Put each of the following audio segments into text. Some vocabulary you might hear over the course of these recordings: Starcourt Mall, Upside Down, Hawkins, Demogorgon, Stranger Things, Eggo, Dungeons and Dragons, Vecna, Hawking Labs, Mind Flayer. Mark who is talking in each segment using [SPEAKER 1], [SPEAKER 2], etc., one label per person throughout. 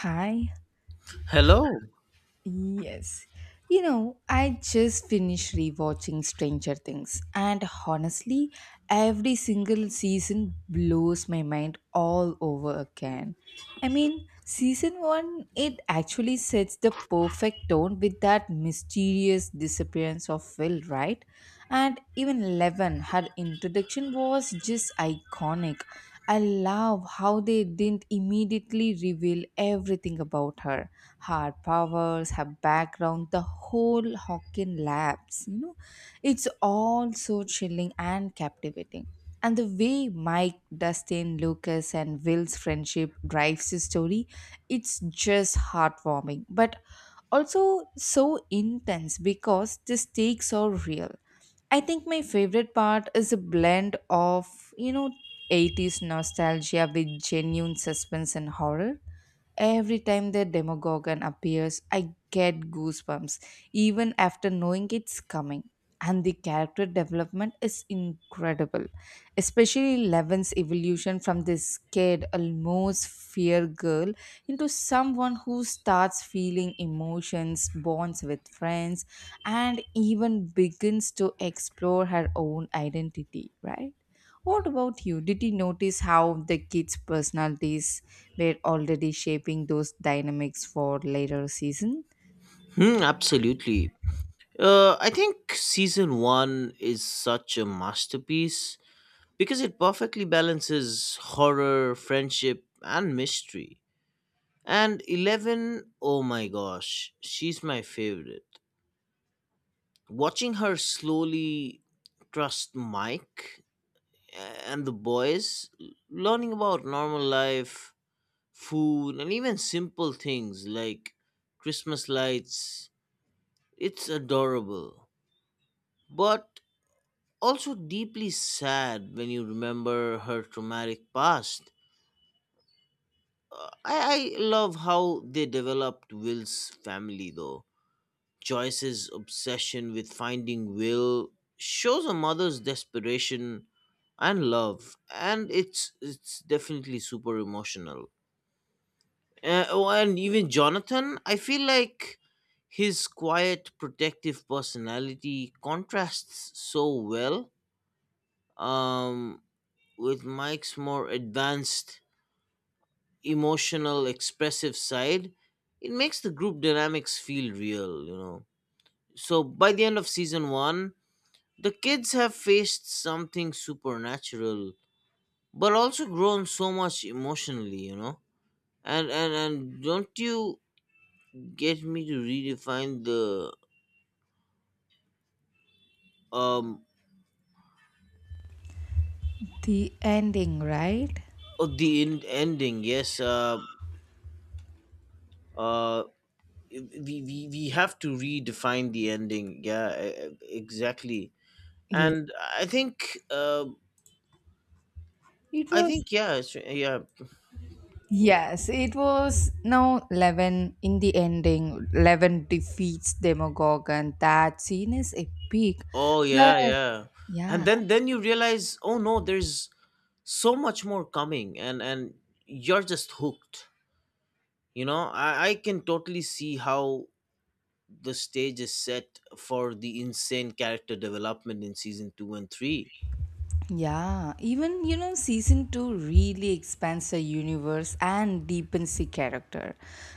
[SPEAKER 1] Hi.
[SPEAKER 2] Hello.
[SPEAKER 1] Yes. I just finished rewatching Stranger Things, and honestly, every single season blows my mind all over again. Season one, it actually sets the perfect tone with that mysterious disappearance of Will, right? And even Eleven, her introduction was just iconic. I love how they didn't immediately reveal everything about her powers, her background, the whole Hawking labs. It's all so chilling and captivating. And the way Mike, Dustin, Lucas, and Will's friendship drives the story, it's just heartwarming, but also so intense because the stakes are real. I think my favorite part is a blend of, you know, 80s nostalgia with genuine suspense and horror. Every time the demagogue appears, I get goosebumps, even after knowing it's coming. And the character development is incredible, especially Levin's evolution from this scared, almost fear girl into someone who starts feeling emotions, bonds with friends, and even begins to explore her own identity, right? What about you? Did you notice how the kids' personalities were already shaping those dynamics for later season.
[SPEAKER 2] Hmm, absolutely. I think season one is such a masterpiece because it perfectly balances horror, friendship, and mystery. And Eleven, oh my gosh, she's my favorite. Watching her slowly trust Mike and the boys, learning about normal life, food, and even simple things like Christmas lights, it's adorable, but also deeply sad when you remember her traumatic past. I love how they developed Will's family, though. Joyce's obsession with finding Will shows a mother's desperation and love, and it's definitely super emotional. Oh, and even Jonathan, I feel like his quiet, protective personality contrasts so well. Um, with Mike's more advanced, emotional, expressive side, it makes the group dynamics feel real. So by the end of season one, the kids have faced something supernatural, but also grown so much emotionally. And don't you get me to redefine the um
[SPEAKER 1] The ending, right?
[SPEAKER 2] of the ending? Yes, uh, we, we have to redefine the ending. Yeah, exactly,
[SPEAKER 1] Yeah.
[SPEAKER 2] and i think uh,
[SPEAKER 1] It
[SPEAKER 2] i
[SPEAKER 1] was
[SPEAKER 2] think yeah, yeah.
[SPEAKER 1] Yes, it was now Levin in the ending. Levin defeats Demogorgon. That scene is epic,
[SPEAKER 2] Oh,
[SPEAKER 1] but
[SPEAKER 2] yeah, yeah. And
[SPEAKER 1] yeah.
[SPEAKER 2] then you realize, oh no, there's so much more coming, and you're just hooked. I can totally see how the stage is set for the insane character development in season 2 and 3.
[SPEAKER 1] Yeah, even season 2 really expands the universe and deepens the character.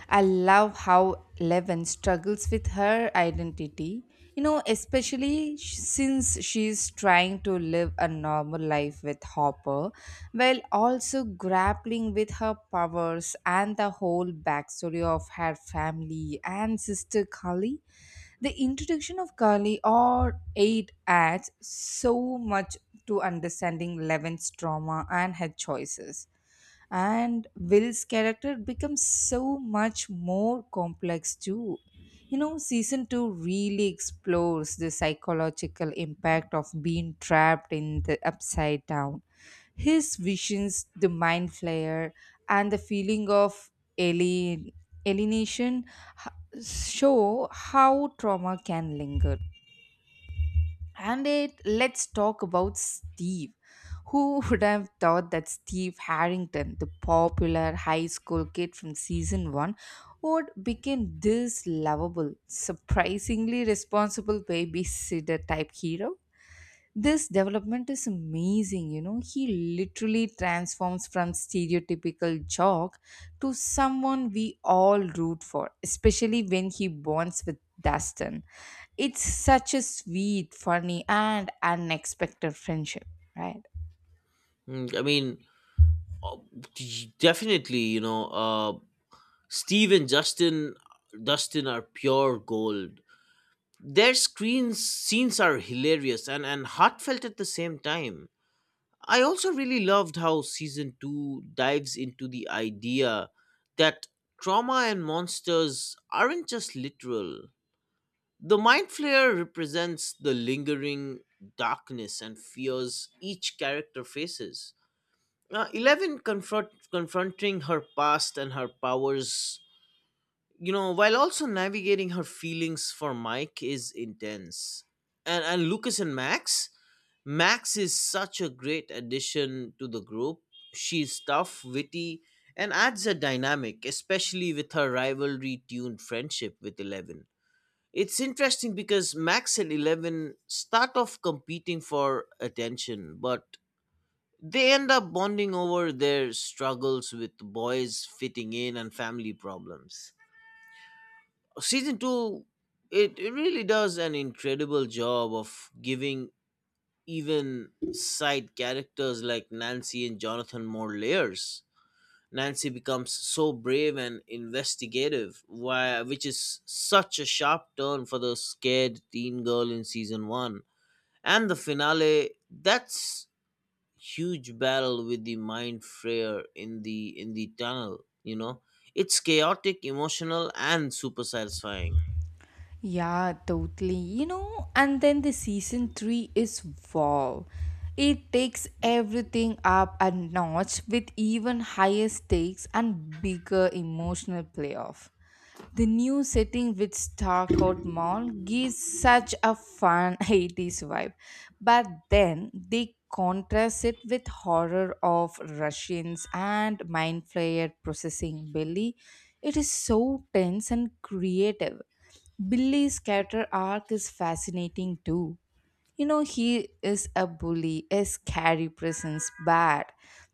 [SPEAKER 1] I love how Eleven struggles with her identity, especially since she's trying to live a normal life with Hopper while also grappling with her powers and the whole backstory of her family and sister Kali. The introduction of Kali or aid adds so much to understanding Levin's trauma and her choices, and Will's character becomes so much more complex too. Season 2 really explores the psychological impact of being trapped in the upside down. His visions, the mind flare, and the feeling of alien, alienation show how trauma can linger. And it, let's talk about Steve. Who would have thought that Steve Harrington, the popular high school kid from season one, would become this lovable, surprisingly responsible babysitter type hero? This development is amazing, He literally transforms from stereotypical jock to someone we all root for, especially when he bonds with Dustin. It's such a sweet, funny, and unexpected friendship, right?
[SPEAKER 2] Mm, I mean uh, definitely, Steve and justin dustin are pure gold. Their screens scenes are hilarious and heartfelt at the same time. I also really loved how season 2 dives into the idea that trauma and monsters aren't just literal. The mind flare represents the lingering darkness and fears each character faces. Eleven confronting her past and her powers, while also navigating her feelings for Mike is intense. And Lucas and Max. Max is such a great addition to the group. She's tough, witty, and adds a dynamic, especially with her rivalry tuned friendship with Eleven. It's interesting because Max and Eleven start off competing for attention, but they end up bonding over their struggles with boys, fitting in, and family problems. Season two, it really does an incredible job of giving even side characters like Nancy and Jonathan more layers. Nancy becomes so brave and investigative, why, which is such a sharp turn for the scared teen girl in season one. And the finale, that's huge battle with the mind frayer in the tunnel. It's chaotic, emotional, and super satisfying.
[SPEAKER 1] Yeah, totally. And then the season 3 is wow. It takes everything up a notch with even higher stakes and bigger emotional playoff. The new setting with Starcourt Mall gives such a fun 80s vibe, but then they contrast it with horror of Russians and mind flayer processing Billy. It is so tense and creative. Billy's character arc is fascinating too. He is a bully, a scary presence, bad.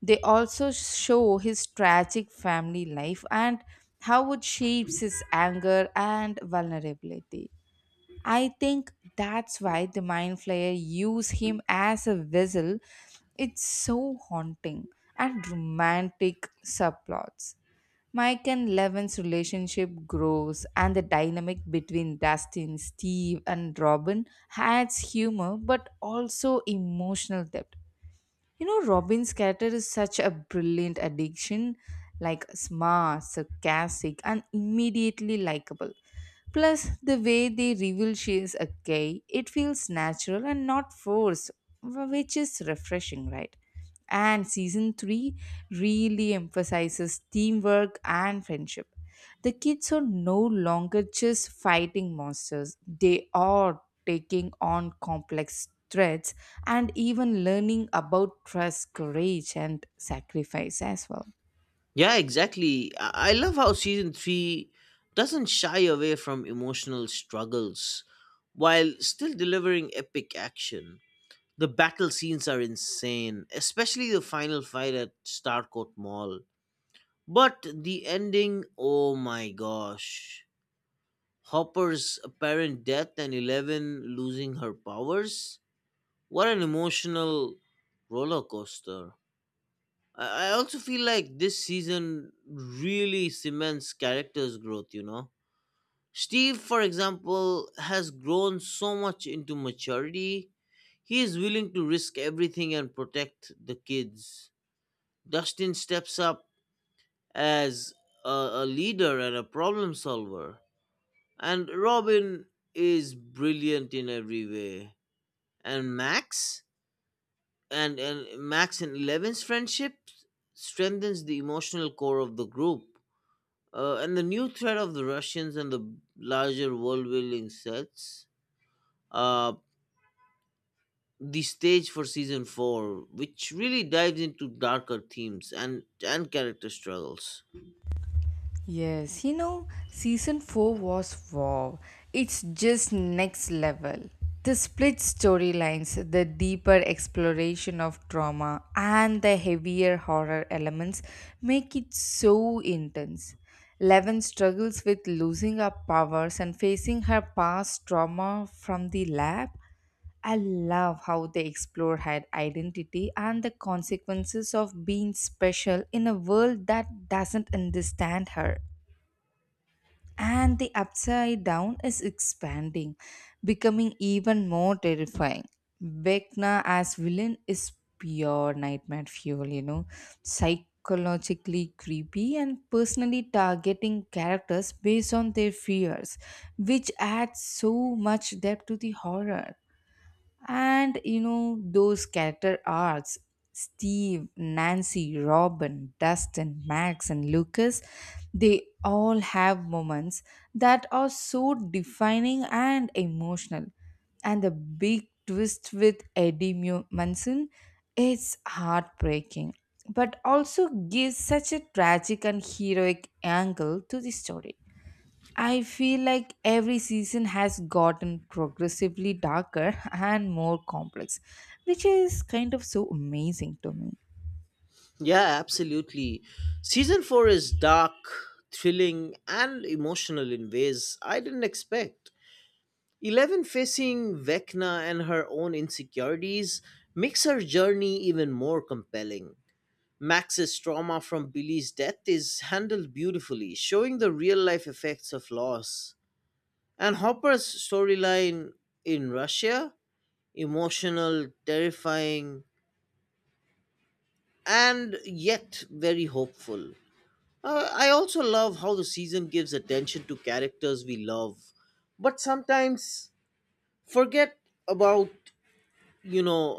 [SPEAKER 1] They also show his tragic family life and how it shapes his anger and vulnerability. I think that's why the Mind Flayer use him as a vessel. It's so haunting and romantic subplots. Mike and Levin's relationship grows, and the dynamic between Dustin, Steve, and Robin adds humor but also emotional depth. Robin's character is such a brilliant addiction, like smart, sarcastic, and immediately likable. Plus, the way they reveal she is a gay, it feels natural and not forced, which is refreshing, right? And season 3 really emphasizes teamwork and friendship. The kids are no longer just fighting monsters, they are taking on complex threats and even learning about trust, courage, and sacrifice as well.
[SPEAKER 2] Yeah, exactly. I love how season three doesn't shy away from emotional struggles while still delivering epic action. The battle scenes are insane, especially the final fight at Starcourt Mall. But the ending, oh my gosh. Hopper's apparent death and Eleven losing her powers? What an emotional roller coaster. I also feel like this season really cements characters' growth. Steve, for example, has grown so much into maturity. He is willing to risk everything and protect the kids. Dustin steps up as a, a leader and a problem solver. And Robin is brilliant in every way. And Max and Eleven's friendship strengthens the emotional core of the group. And the new threat of the Russians and the larger world building sets uh, the stage for season four, which really dives into darker themes and character struggles.
[SPEAKER 1] Yes, season 4 was wow. It's just next level. The split storylines, the deeper exploration of trauma, and the heavier horror elements make it so intense. Levin struggles with losing her powers and facing her past trauma from the lab. I love how they explore her identity and the consequences of being special in a world that doesn't understand her. And the upside down is expanding, becoming even more terrifying. Vecna as villain is pure nightmare fuel, psychologically creepy and personally targeting characters based on their fears, which adds so much depth to the horror. And those character arcs, Steve, Nancy, Robin, Dustin, Max, and Lucas, they all have moments that are so defining and emotional. And the big twist with Munson, it's heartbreaking, but also gives such a tragic and heroic angle to the story. I feel like every season has gotten progressively darker and more complex, which is kind of so amazing to me.
[SPEAKER 2] Yeah, absolutely. Season four is dark, thrilling, and emotional in ways I didn't expect. Eleven facing Vecna and her own insecurities makes her journey even more compelling. Max's trauma from Billy's death is handled beautifully, showing the real life effects of loss. And Hopper's storyline in Russia, emotional, terrifying, and yet very hopeful. I also love how the season gives attention to characters we love, but sometimes forget about, you know,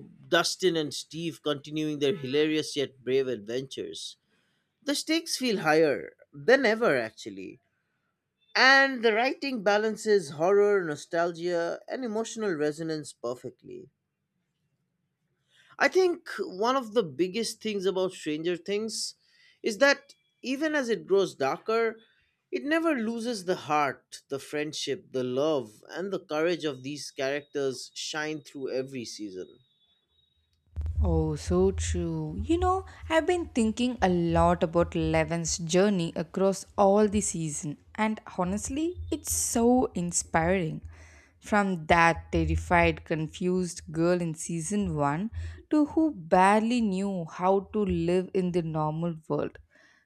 [SPEAKER 2] Dustin and Steve continuing their hilarious yet brave adventures. The stakes feel higher than ever, actually. And the writing balances horror, nostalgia, and emotional resonance perfectly. I think one of the biggest things about Stranger Things is that even as it grows darker, it never loses the heart, the friendship, the love, and the courage of these characters shine through every season.
[SPEAKER 1] Oh, so true. I've been thinking a lot about Levin's journey across all the season, and honestly, it's so inspiring. From that terrified, confused girl in season 1 to who barely knew how to live in the normal world,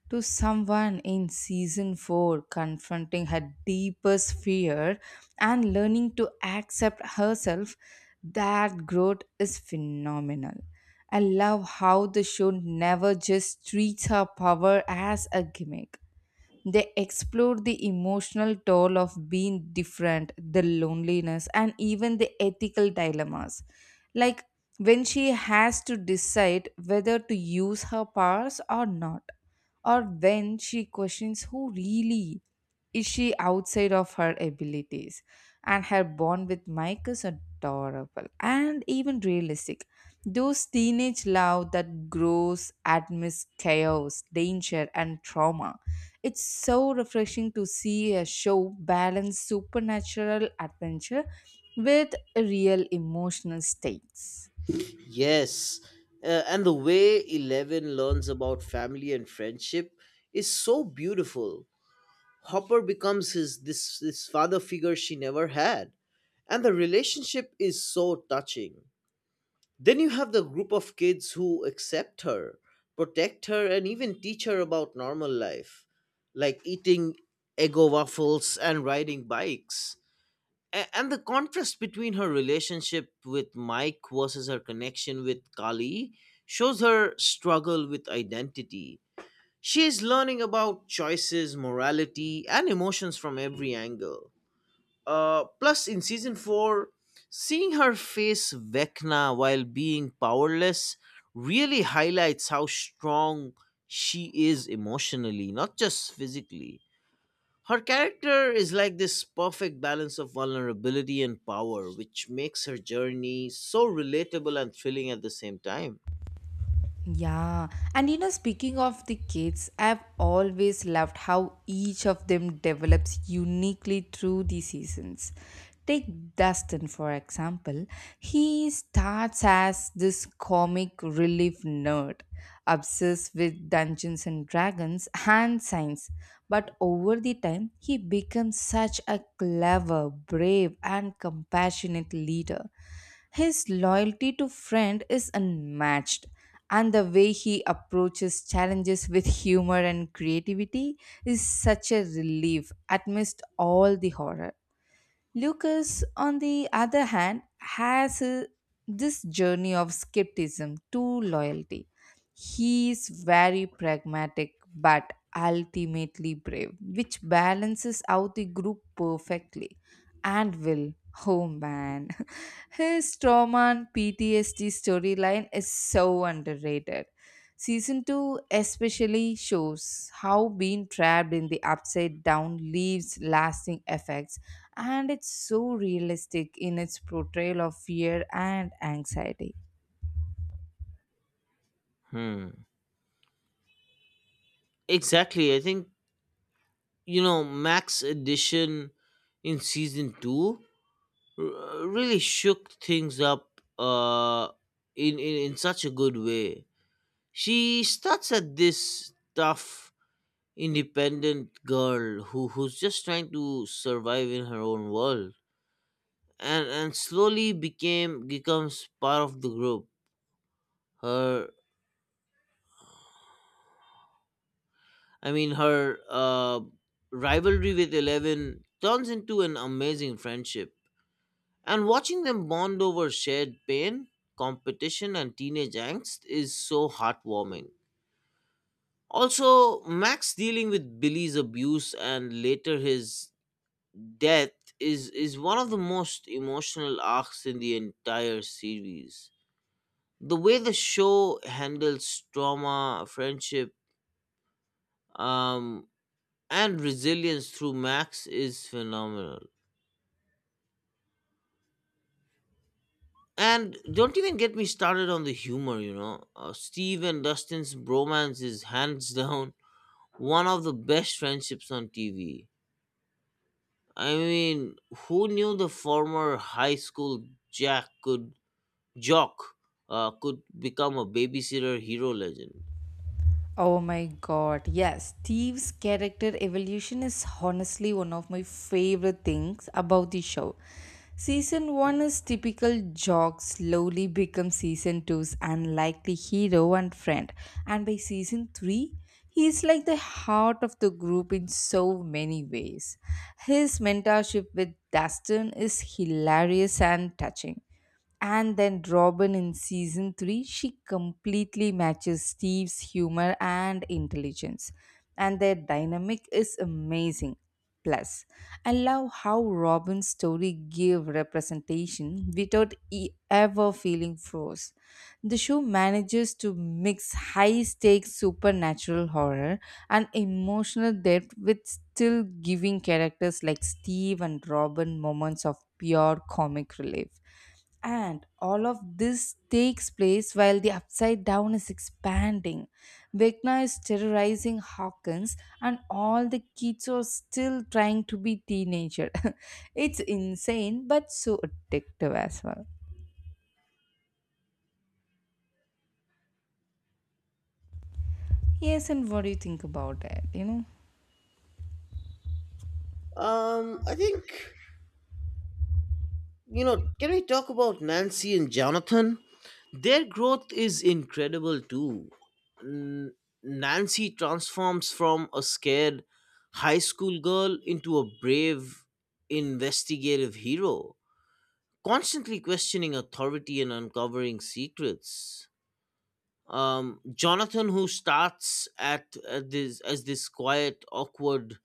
[SPEAKER 1] to someone in season 4 confronting her deepest fear and learning to accept herself, that growth is phenomenal. I love how the show never just treats her power as a gimmick. They explore the emotional toll of being different, the loneliness, and even the ethical dilemmas. Like when she has to decide whether to use her powers or not, or when she questions who really is she outside of her abilities. And her bond with Mike is adorable and even realistic. Those teenage love that grows amidst chaos, danger, and trauma, it's so refreshing to see a show balance supernatural adventure with real emotional stakes.
[SPEAKER 2] Yes, and the way Eleven learns about family and friendship is so beautiful. Hopper becomes his this father figure she never had. And the relationship is so touching. Then you have the group of kids who accept her, protect her, and even teach her about normal life, like eating eggo waffles and riding bikes. And the contrast between her relationship with Mike versus her connection with Kali shows her struggle with identity. She is learning about choices, morality, and emotions from every angle. Plus, in season 4, seeing her face Vecna while being powerless really highlights how strong she is emotionally, not just physically. Her character is like this perfect balance of vulnerability and power, which makes her journey so relatable and thrilling at the same time.
[SPEAKER 1] Yeah, and speaking of the kids, I've always loved how each of them develops uniquely through the seasons. Take Dustin, for example. He starts as this comic relief nerd, obsessed with Dungeons and Dragons and science. But over the time, he becomes such a clever, brave, and compassionate leader. His loyalty to friend is unmatched and the way he approaches challenges with humor and creativity is such a relief amidst all the horror. Lucas, on the other hand, has this journey of skepticism to loyalty. He is very pragmatic but ultimately brave, which balances out the group perfectly. And Will, oh man, his trauma and PTSD storyline is so underrated. Season 2 especially shows how being trapped in the upside down leaves lasting effects and it's so realistic in its portrayal of fear and anxiety.
[SPEAKER 2] Hmm. Exactly. I think, you know, Max addition in season two really shook things up, in such a good way. She starts at this tough, independent girl who's just trying to survive in her own world, and slowly became becomes part of the group. Her, I mean, her rivalry with Eleven turns into an amazing friendship. And watching them bond over shared pain, competition, and teenage angst is so heartwarming. Also, Max dealing with Billy's abuse and later his death is one of the most emotional arcs in the entire series. The way the show handles trauma, friendship, um, and resilience through Max is phenomenal. And don't even get me started on the humor, you know. Steve and Dustin's bromance is hands down one of the best friendships on TV. I mean, who knew the former high school Jack could jock could become a babysitter hero legend?
[SPEAKER 1] Oh my god, yes, Steve's character evolution is honestly one of my favorite things about the show. Season 1 is typical jock slowly becomes season two's unlikely hero and friend, and by season 3, he is like the heart of the group in so many ways. His mentorship with Dustin is hilarious and touching. And then Robin in season 3, she completely matches Steve's humor and intelligence. And their dynamic is amazing. Plus, I love how Robin's story gave representation without ever feeling forced. The show manages to mix high stakes supernatural horror and emotional depth with still giving characters like Steve and Robin moments of pure comic relief. And all of this takes place while the Upside Down is expanding. Vecna is terrorizing Hawkins, and all the kids are still trying to be teenager. It's insane, but so addictive as well. Yes, and what do you think about it?
[SPEAKER 2] I think you know. Can we talk about Nancy and Jonathan? Their growth is incredible too. N- Nancy transforms from a scared high school girl into a brave, investigative hero, constantly questioning authority and uncovering secrets. Jonathan, who starts at this as this quiet, awkward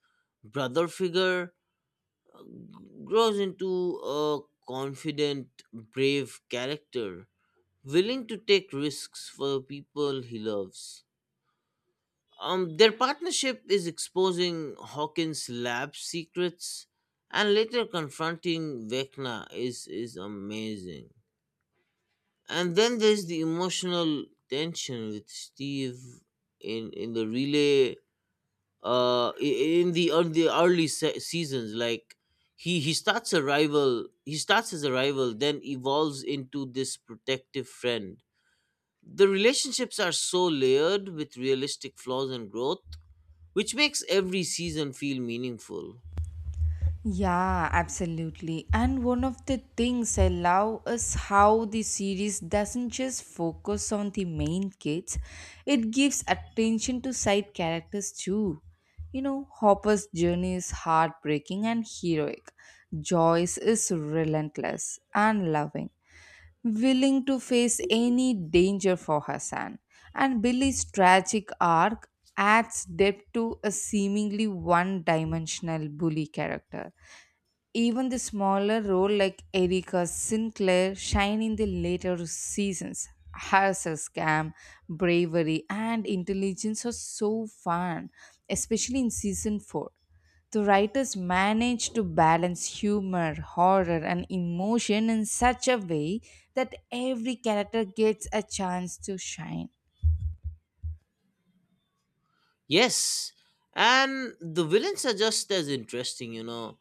[SPEAKER 2] brother figure, grows into a confident, brave character willing to take risks for the people he loves. Their partnership is exposing Hawkins' lab secrets, and later confronting Vecna is amazing. And then there's the emotional tension with Steve in the relay, the early seasons. Like, he starts as a rival, then evolves into this protective friend. The relationships are so layered with realistic flaws and growth, which makes every season feel meaningful.
[SPEAKER 1] Yeah, absolutely. And one of the things I love is how the series doesn't just focus on the main kids, it gives attention to side characters too. Hopper's journey is heartbreaking and heroic. Joyce is relentless and loving, willing to face any danger for her son. And Billy's tragic arc adds depth to a seemingly one dimensional bully character. Even the smaller role, like Erica Sinclair shine in the later seasons. Her scam, bravery, and intelligence are so fun, especially in season 4. The writers managed to balance humor, horror, and emotion in such a way that every character gets a chance to shine.
[SPEAKER 2] Yes, and the villains are just as interesting, you know.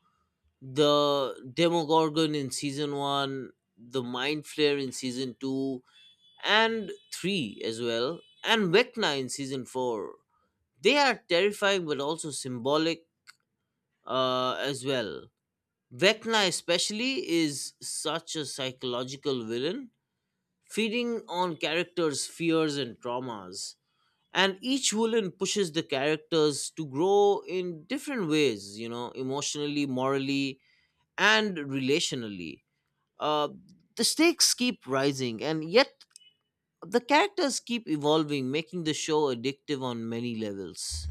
[SPEAKER 2] The Demogorgon in season 1, the Mind Flayer in season 2, and 3 as well, and Vecna in season 4. They are terrifying but also symbolic, as well. Vecna, especially, is such a psychological villain feeding on characters' fears and traumas. And each villain pushes the characters to grow in different ways, you know, emotionally, morally, and relationally. Uh, the stakes keep rising, and yet the characters keep evolving, making the show addictive on many levels.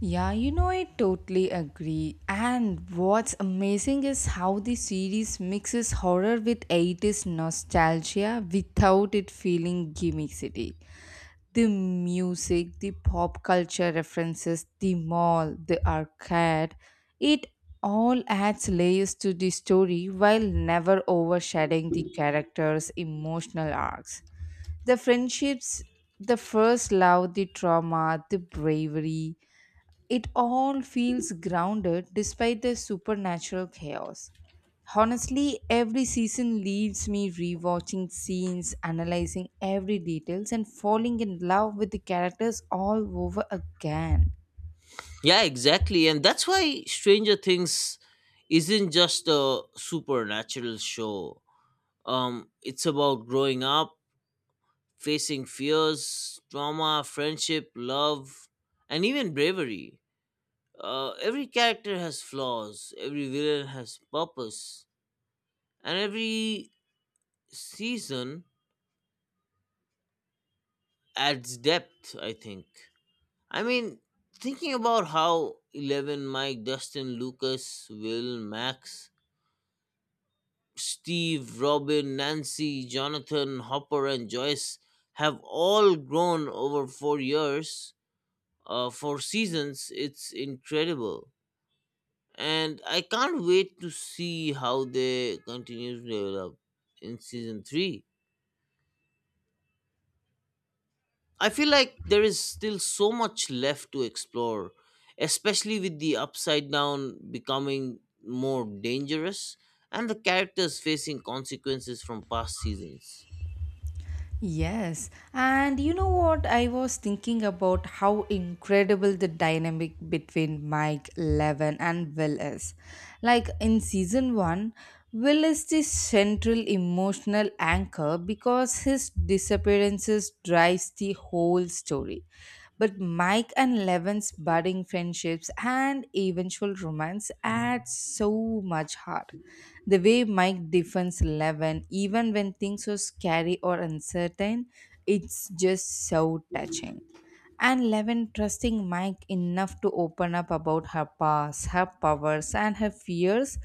[SPEAKER 1] Yeah, I totally agree. And what's amazing is how the series mixes horror with 80s nostalgia without it feeling gimmicky. The music, the pop culture references, the mall, the arcade, it all adds layers to the story while never overshadowing the characters' emotional arcs. The friendships, the first love, the trauma, the bravery, it all feels grounded despite the supernatural chaos. Honestly, every season leaves me rewatching scenes, analyzing every details and falling in love with the characters all over again.
[SPEAKER 2] Yeah, exactly. And that's why Stranger Things isn't just a supernatural show. It's about growing up, facing fears, trauma, friendship, love, and even bravery. Every character has flaws, every villain has purpose, and every season adds depth, I think. I mean, thinking about how Eleven, Mike, Dustin, Lucas, Will, Max, Steve, Robin, Nancy, Jonathan, Hopper, and Joyce have all grown over 4 years, for seasons it's incredible, and I can't wait to see how they continue to develop in season 3. I feel like there is still so much left to explore, especially with the upside down becoming more dangerous and the characters facing consequences from past seasons.
[SPEAKER 1] Yes, and you know what? I was thinking about how incredible the dynamic between Mike, Levin, and Will is. Like in season one, Will is the central emotional anchor because his disappearances drives the whole story. But Mike and Levin's budding friendships and eventual romance add so much heart. The way Mike defends Eleven, even when things are scary or uncertain, it's just so touching. And Levin trusting Mike enough to open up about her past, her powers, and her fears.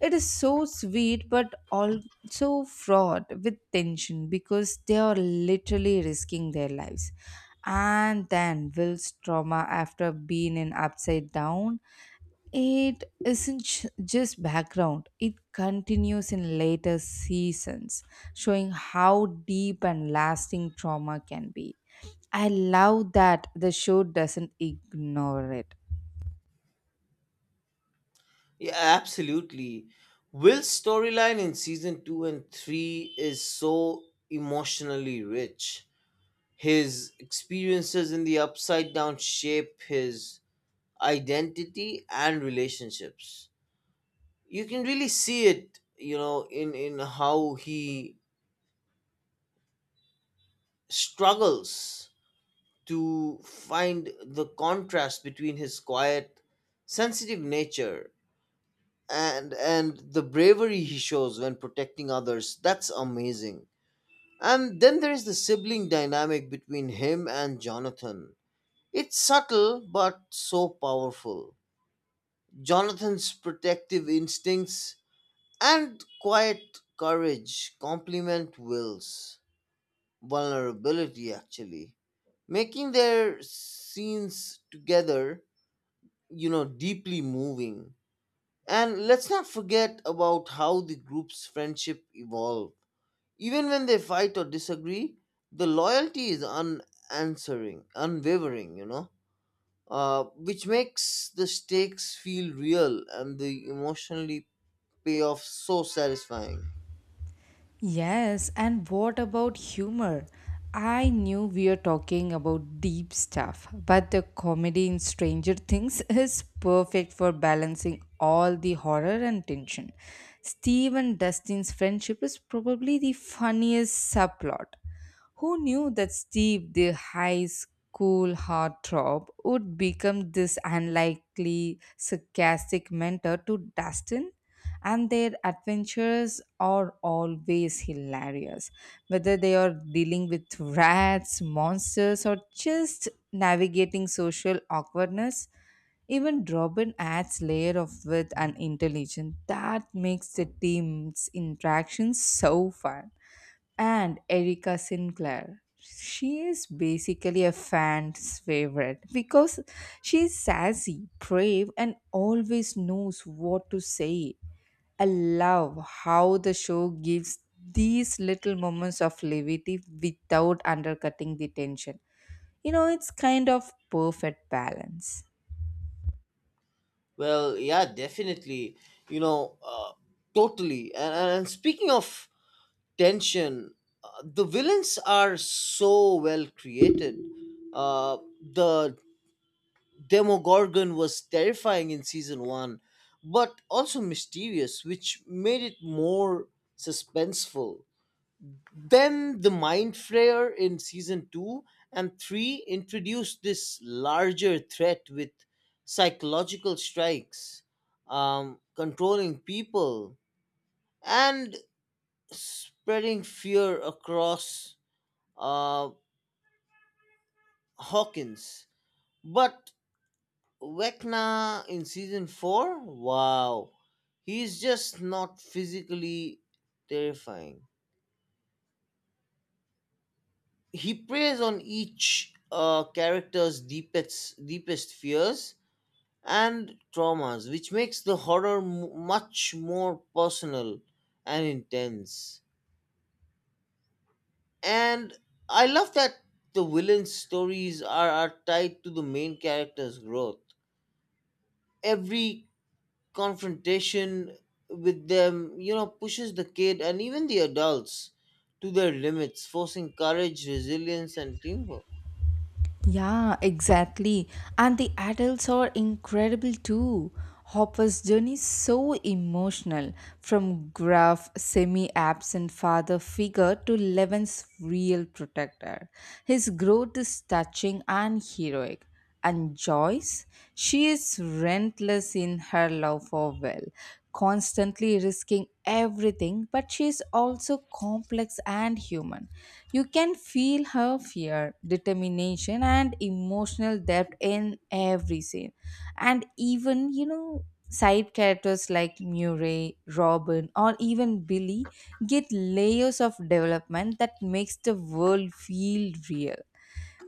[SPEAKER 1] It is so sweet but also fraught with tension because they are literally risking their lives. And then Will's trauma after being in upside down, it isn't just background, it continues in later seasons, showing how deep and lasting trauma can be. I love that the show doesn't ignore it.
[SPEAKER 2] Yeah, absolutely. Will's storyline in season two and three is so emotionally rich. His experiences in the upside down shape his identity and relationships. You can really see it, in how he struggles to find the contrast between his quiet, sensitive nature and the bravery he shows when protecting others. That's amazing. And then there is the sibling dynamic between him and Jonathan. It's subtle but so powerful. Jonathan's protective instincts and quiet courage complement Will's vulnerability, actually, making their scenes together, deeply moving. And let's not forget about how the group's friendship evolved. Even when they fight or disagree, the loyalty is unanswering, unwavering, which makes the stakes feel real and the emotionally pay off so satisfying.
[SPEAKER 1] Yes, and what about humor? I knew we were talking about deep stuff, but the comedy in Stranger Things is perfect for balancing all the horror and tension. Steve and Dustin's friendship is probably the funniest subplot. Who knew that Steve, the high school heartthrob, would become this unlikely sarcastic mentor to Dustin? And their adventures are always hilarious. Whether they are dealing with rats, monsters, or just navigating social awkwardness, even Robin adds layer of wit and intelligence that makes the team's interactions so fun. And Erica Sinclair. She is basically a fan's favorite because she's sassy, brave, and always knows what to say. I love how the show gives these little moments of levity without undercutting the tension. It's kind of perfect balance.
[SPEAKER 2] Well, yeah, definitely. You know, uh, Totally. And, speaking of tension, the villains are so well created. The Demogorgon was terrifying in season one, but also mysterious, which made it more suspenseful. Then the Mind Flayer in season 2 and 3 introduced this larger threat with psychological strikes, controlling people, and spreading fear across, uh, Hawkins. But Vecna in season 4, wow, he's just not physically terrifying. He preys on each character's deepest fears and traumas, which makes the horror much more personal and intense. And I love that the villain's stories are tied to the main character's growth. Every confrontation with them, you know, pushes the kid and even the adults to their limits, forcing courage, resilience, and teamwork.
[SPEAKER 1] Yeah, exactly. And the adults are incredible too. Hopper's journey is so emotional from gruff, semi absent father figure to Levin's real protector. His growth is touching and heroic. And Joyce, she is relentless in her love for Will, constantly risking everything, but she is also complex and human. You can feel her fear, determination, and emotional depth in every scene. And even, side characters like Murray, Robin, or even Billy get layers of development that makes the world feel real.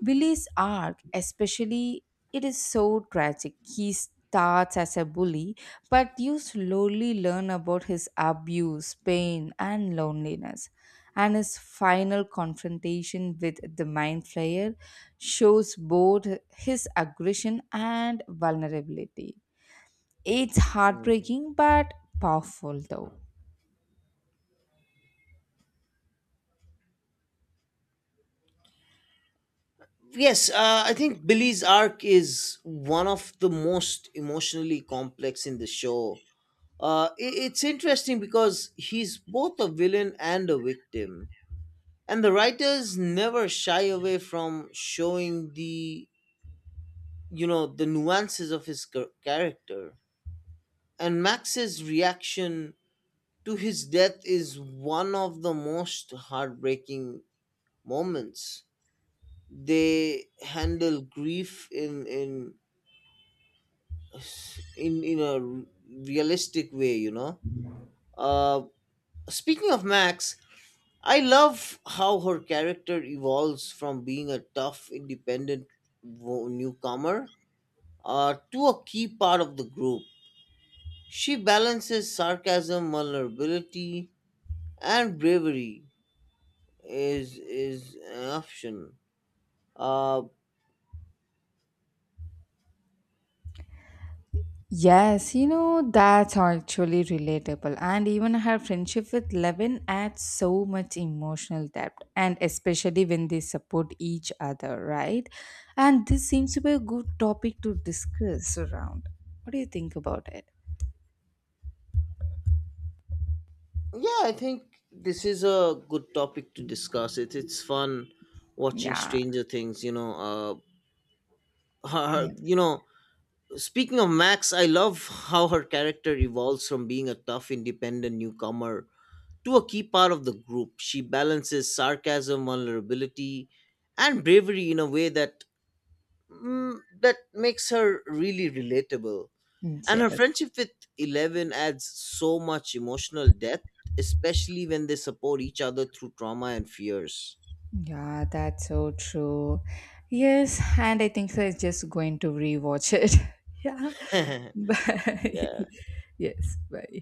[SPEAKER 1] Billy's arc, especially, it is so tragic. He starts as a bully, but you slowly learn about his abuse, pain, and loneliness. And his final confrontation with the Mind Flayer shows both his aggression and vulnerability. It's heartbreaking but powerful, though.
[SPEAKER 2] Yes, I think Billy's arc is one of the most emotionally complex in the show. I it's interesting because he's both a villain and a victim, and the writers never shy away from showing the you know the nuances of his character. And Max's reaction to his death is one of the most heartbreaking moments. They handle grief in a realistic way, you know. uh speaking of Max, I love how her character evolves from being a tough, independent newcomer to a key part of the group. She balances sarcasm, vulnerability, and bravery is an option. uh
[SPEAKER 1] Yes, that's actually relatable. And even her friendship with Levin adds so much emotional depth, and especially when they support each other, right? And this seems to be a good topic to discuss around. What do you think about it?
[SPEAKER 2] yeah, I think this is a good topic to discuss. It's fun watching
[SPEAKER 1] Yeah,
[SPEAKER 2] Stranger Things, you know. Her,
[SPEAKER 1] yeah,
[SPEAKER 2] her- you know Speaking of Max, I love how her character evolves from being a tough, independent newcomer to a key part of the group. She balances sarcasm, vulnerability, and bravery in a way that that makes her really relatable. And her
[SPEAKER 1] yes,
[SPEAKER 2] friendship with Eleven adds so much emotional depth, especially when they support each other through trauma and fears.
[SPEAKER 1] yeah, that's so true. Yes, and I think so. It's just going to rewatch it. Yeah.
[SPEAKER 2] yeah.
[SPEAKER 1] Bye. Yes, bye.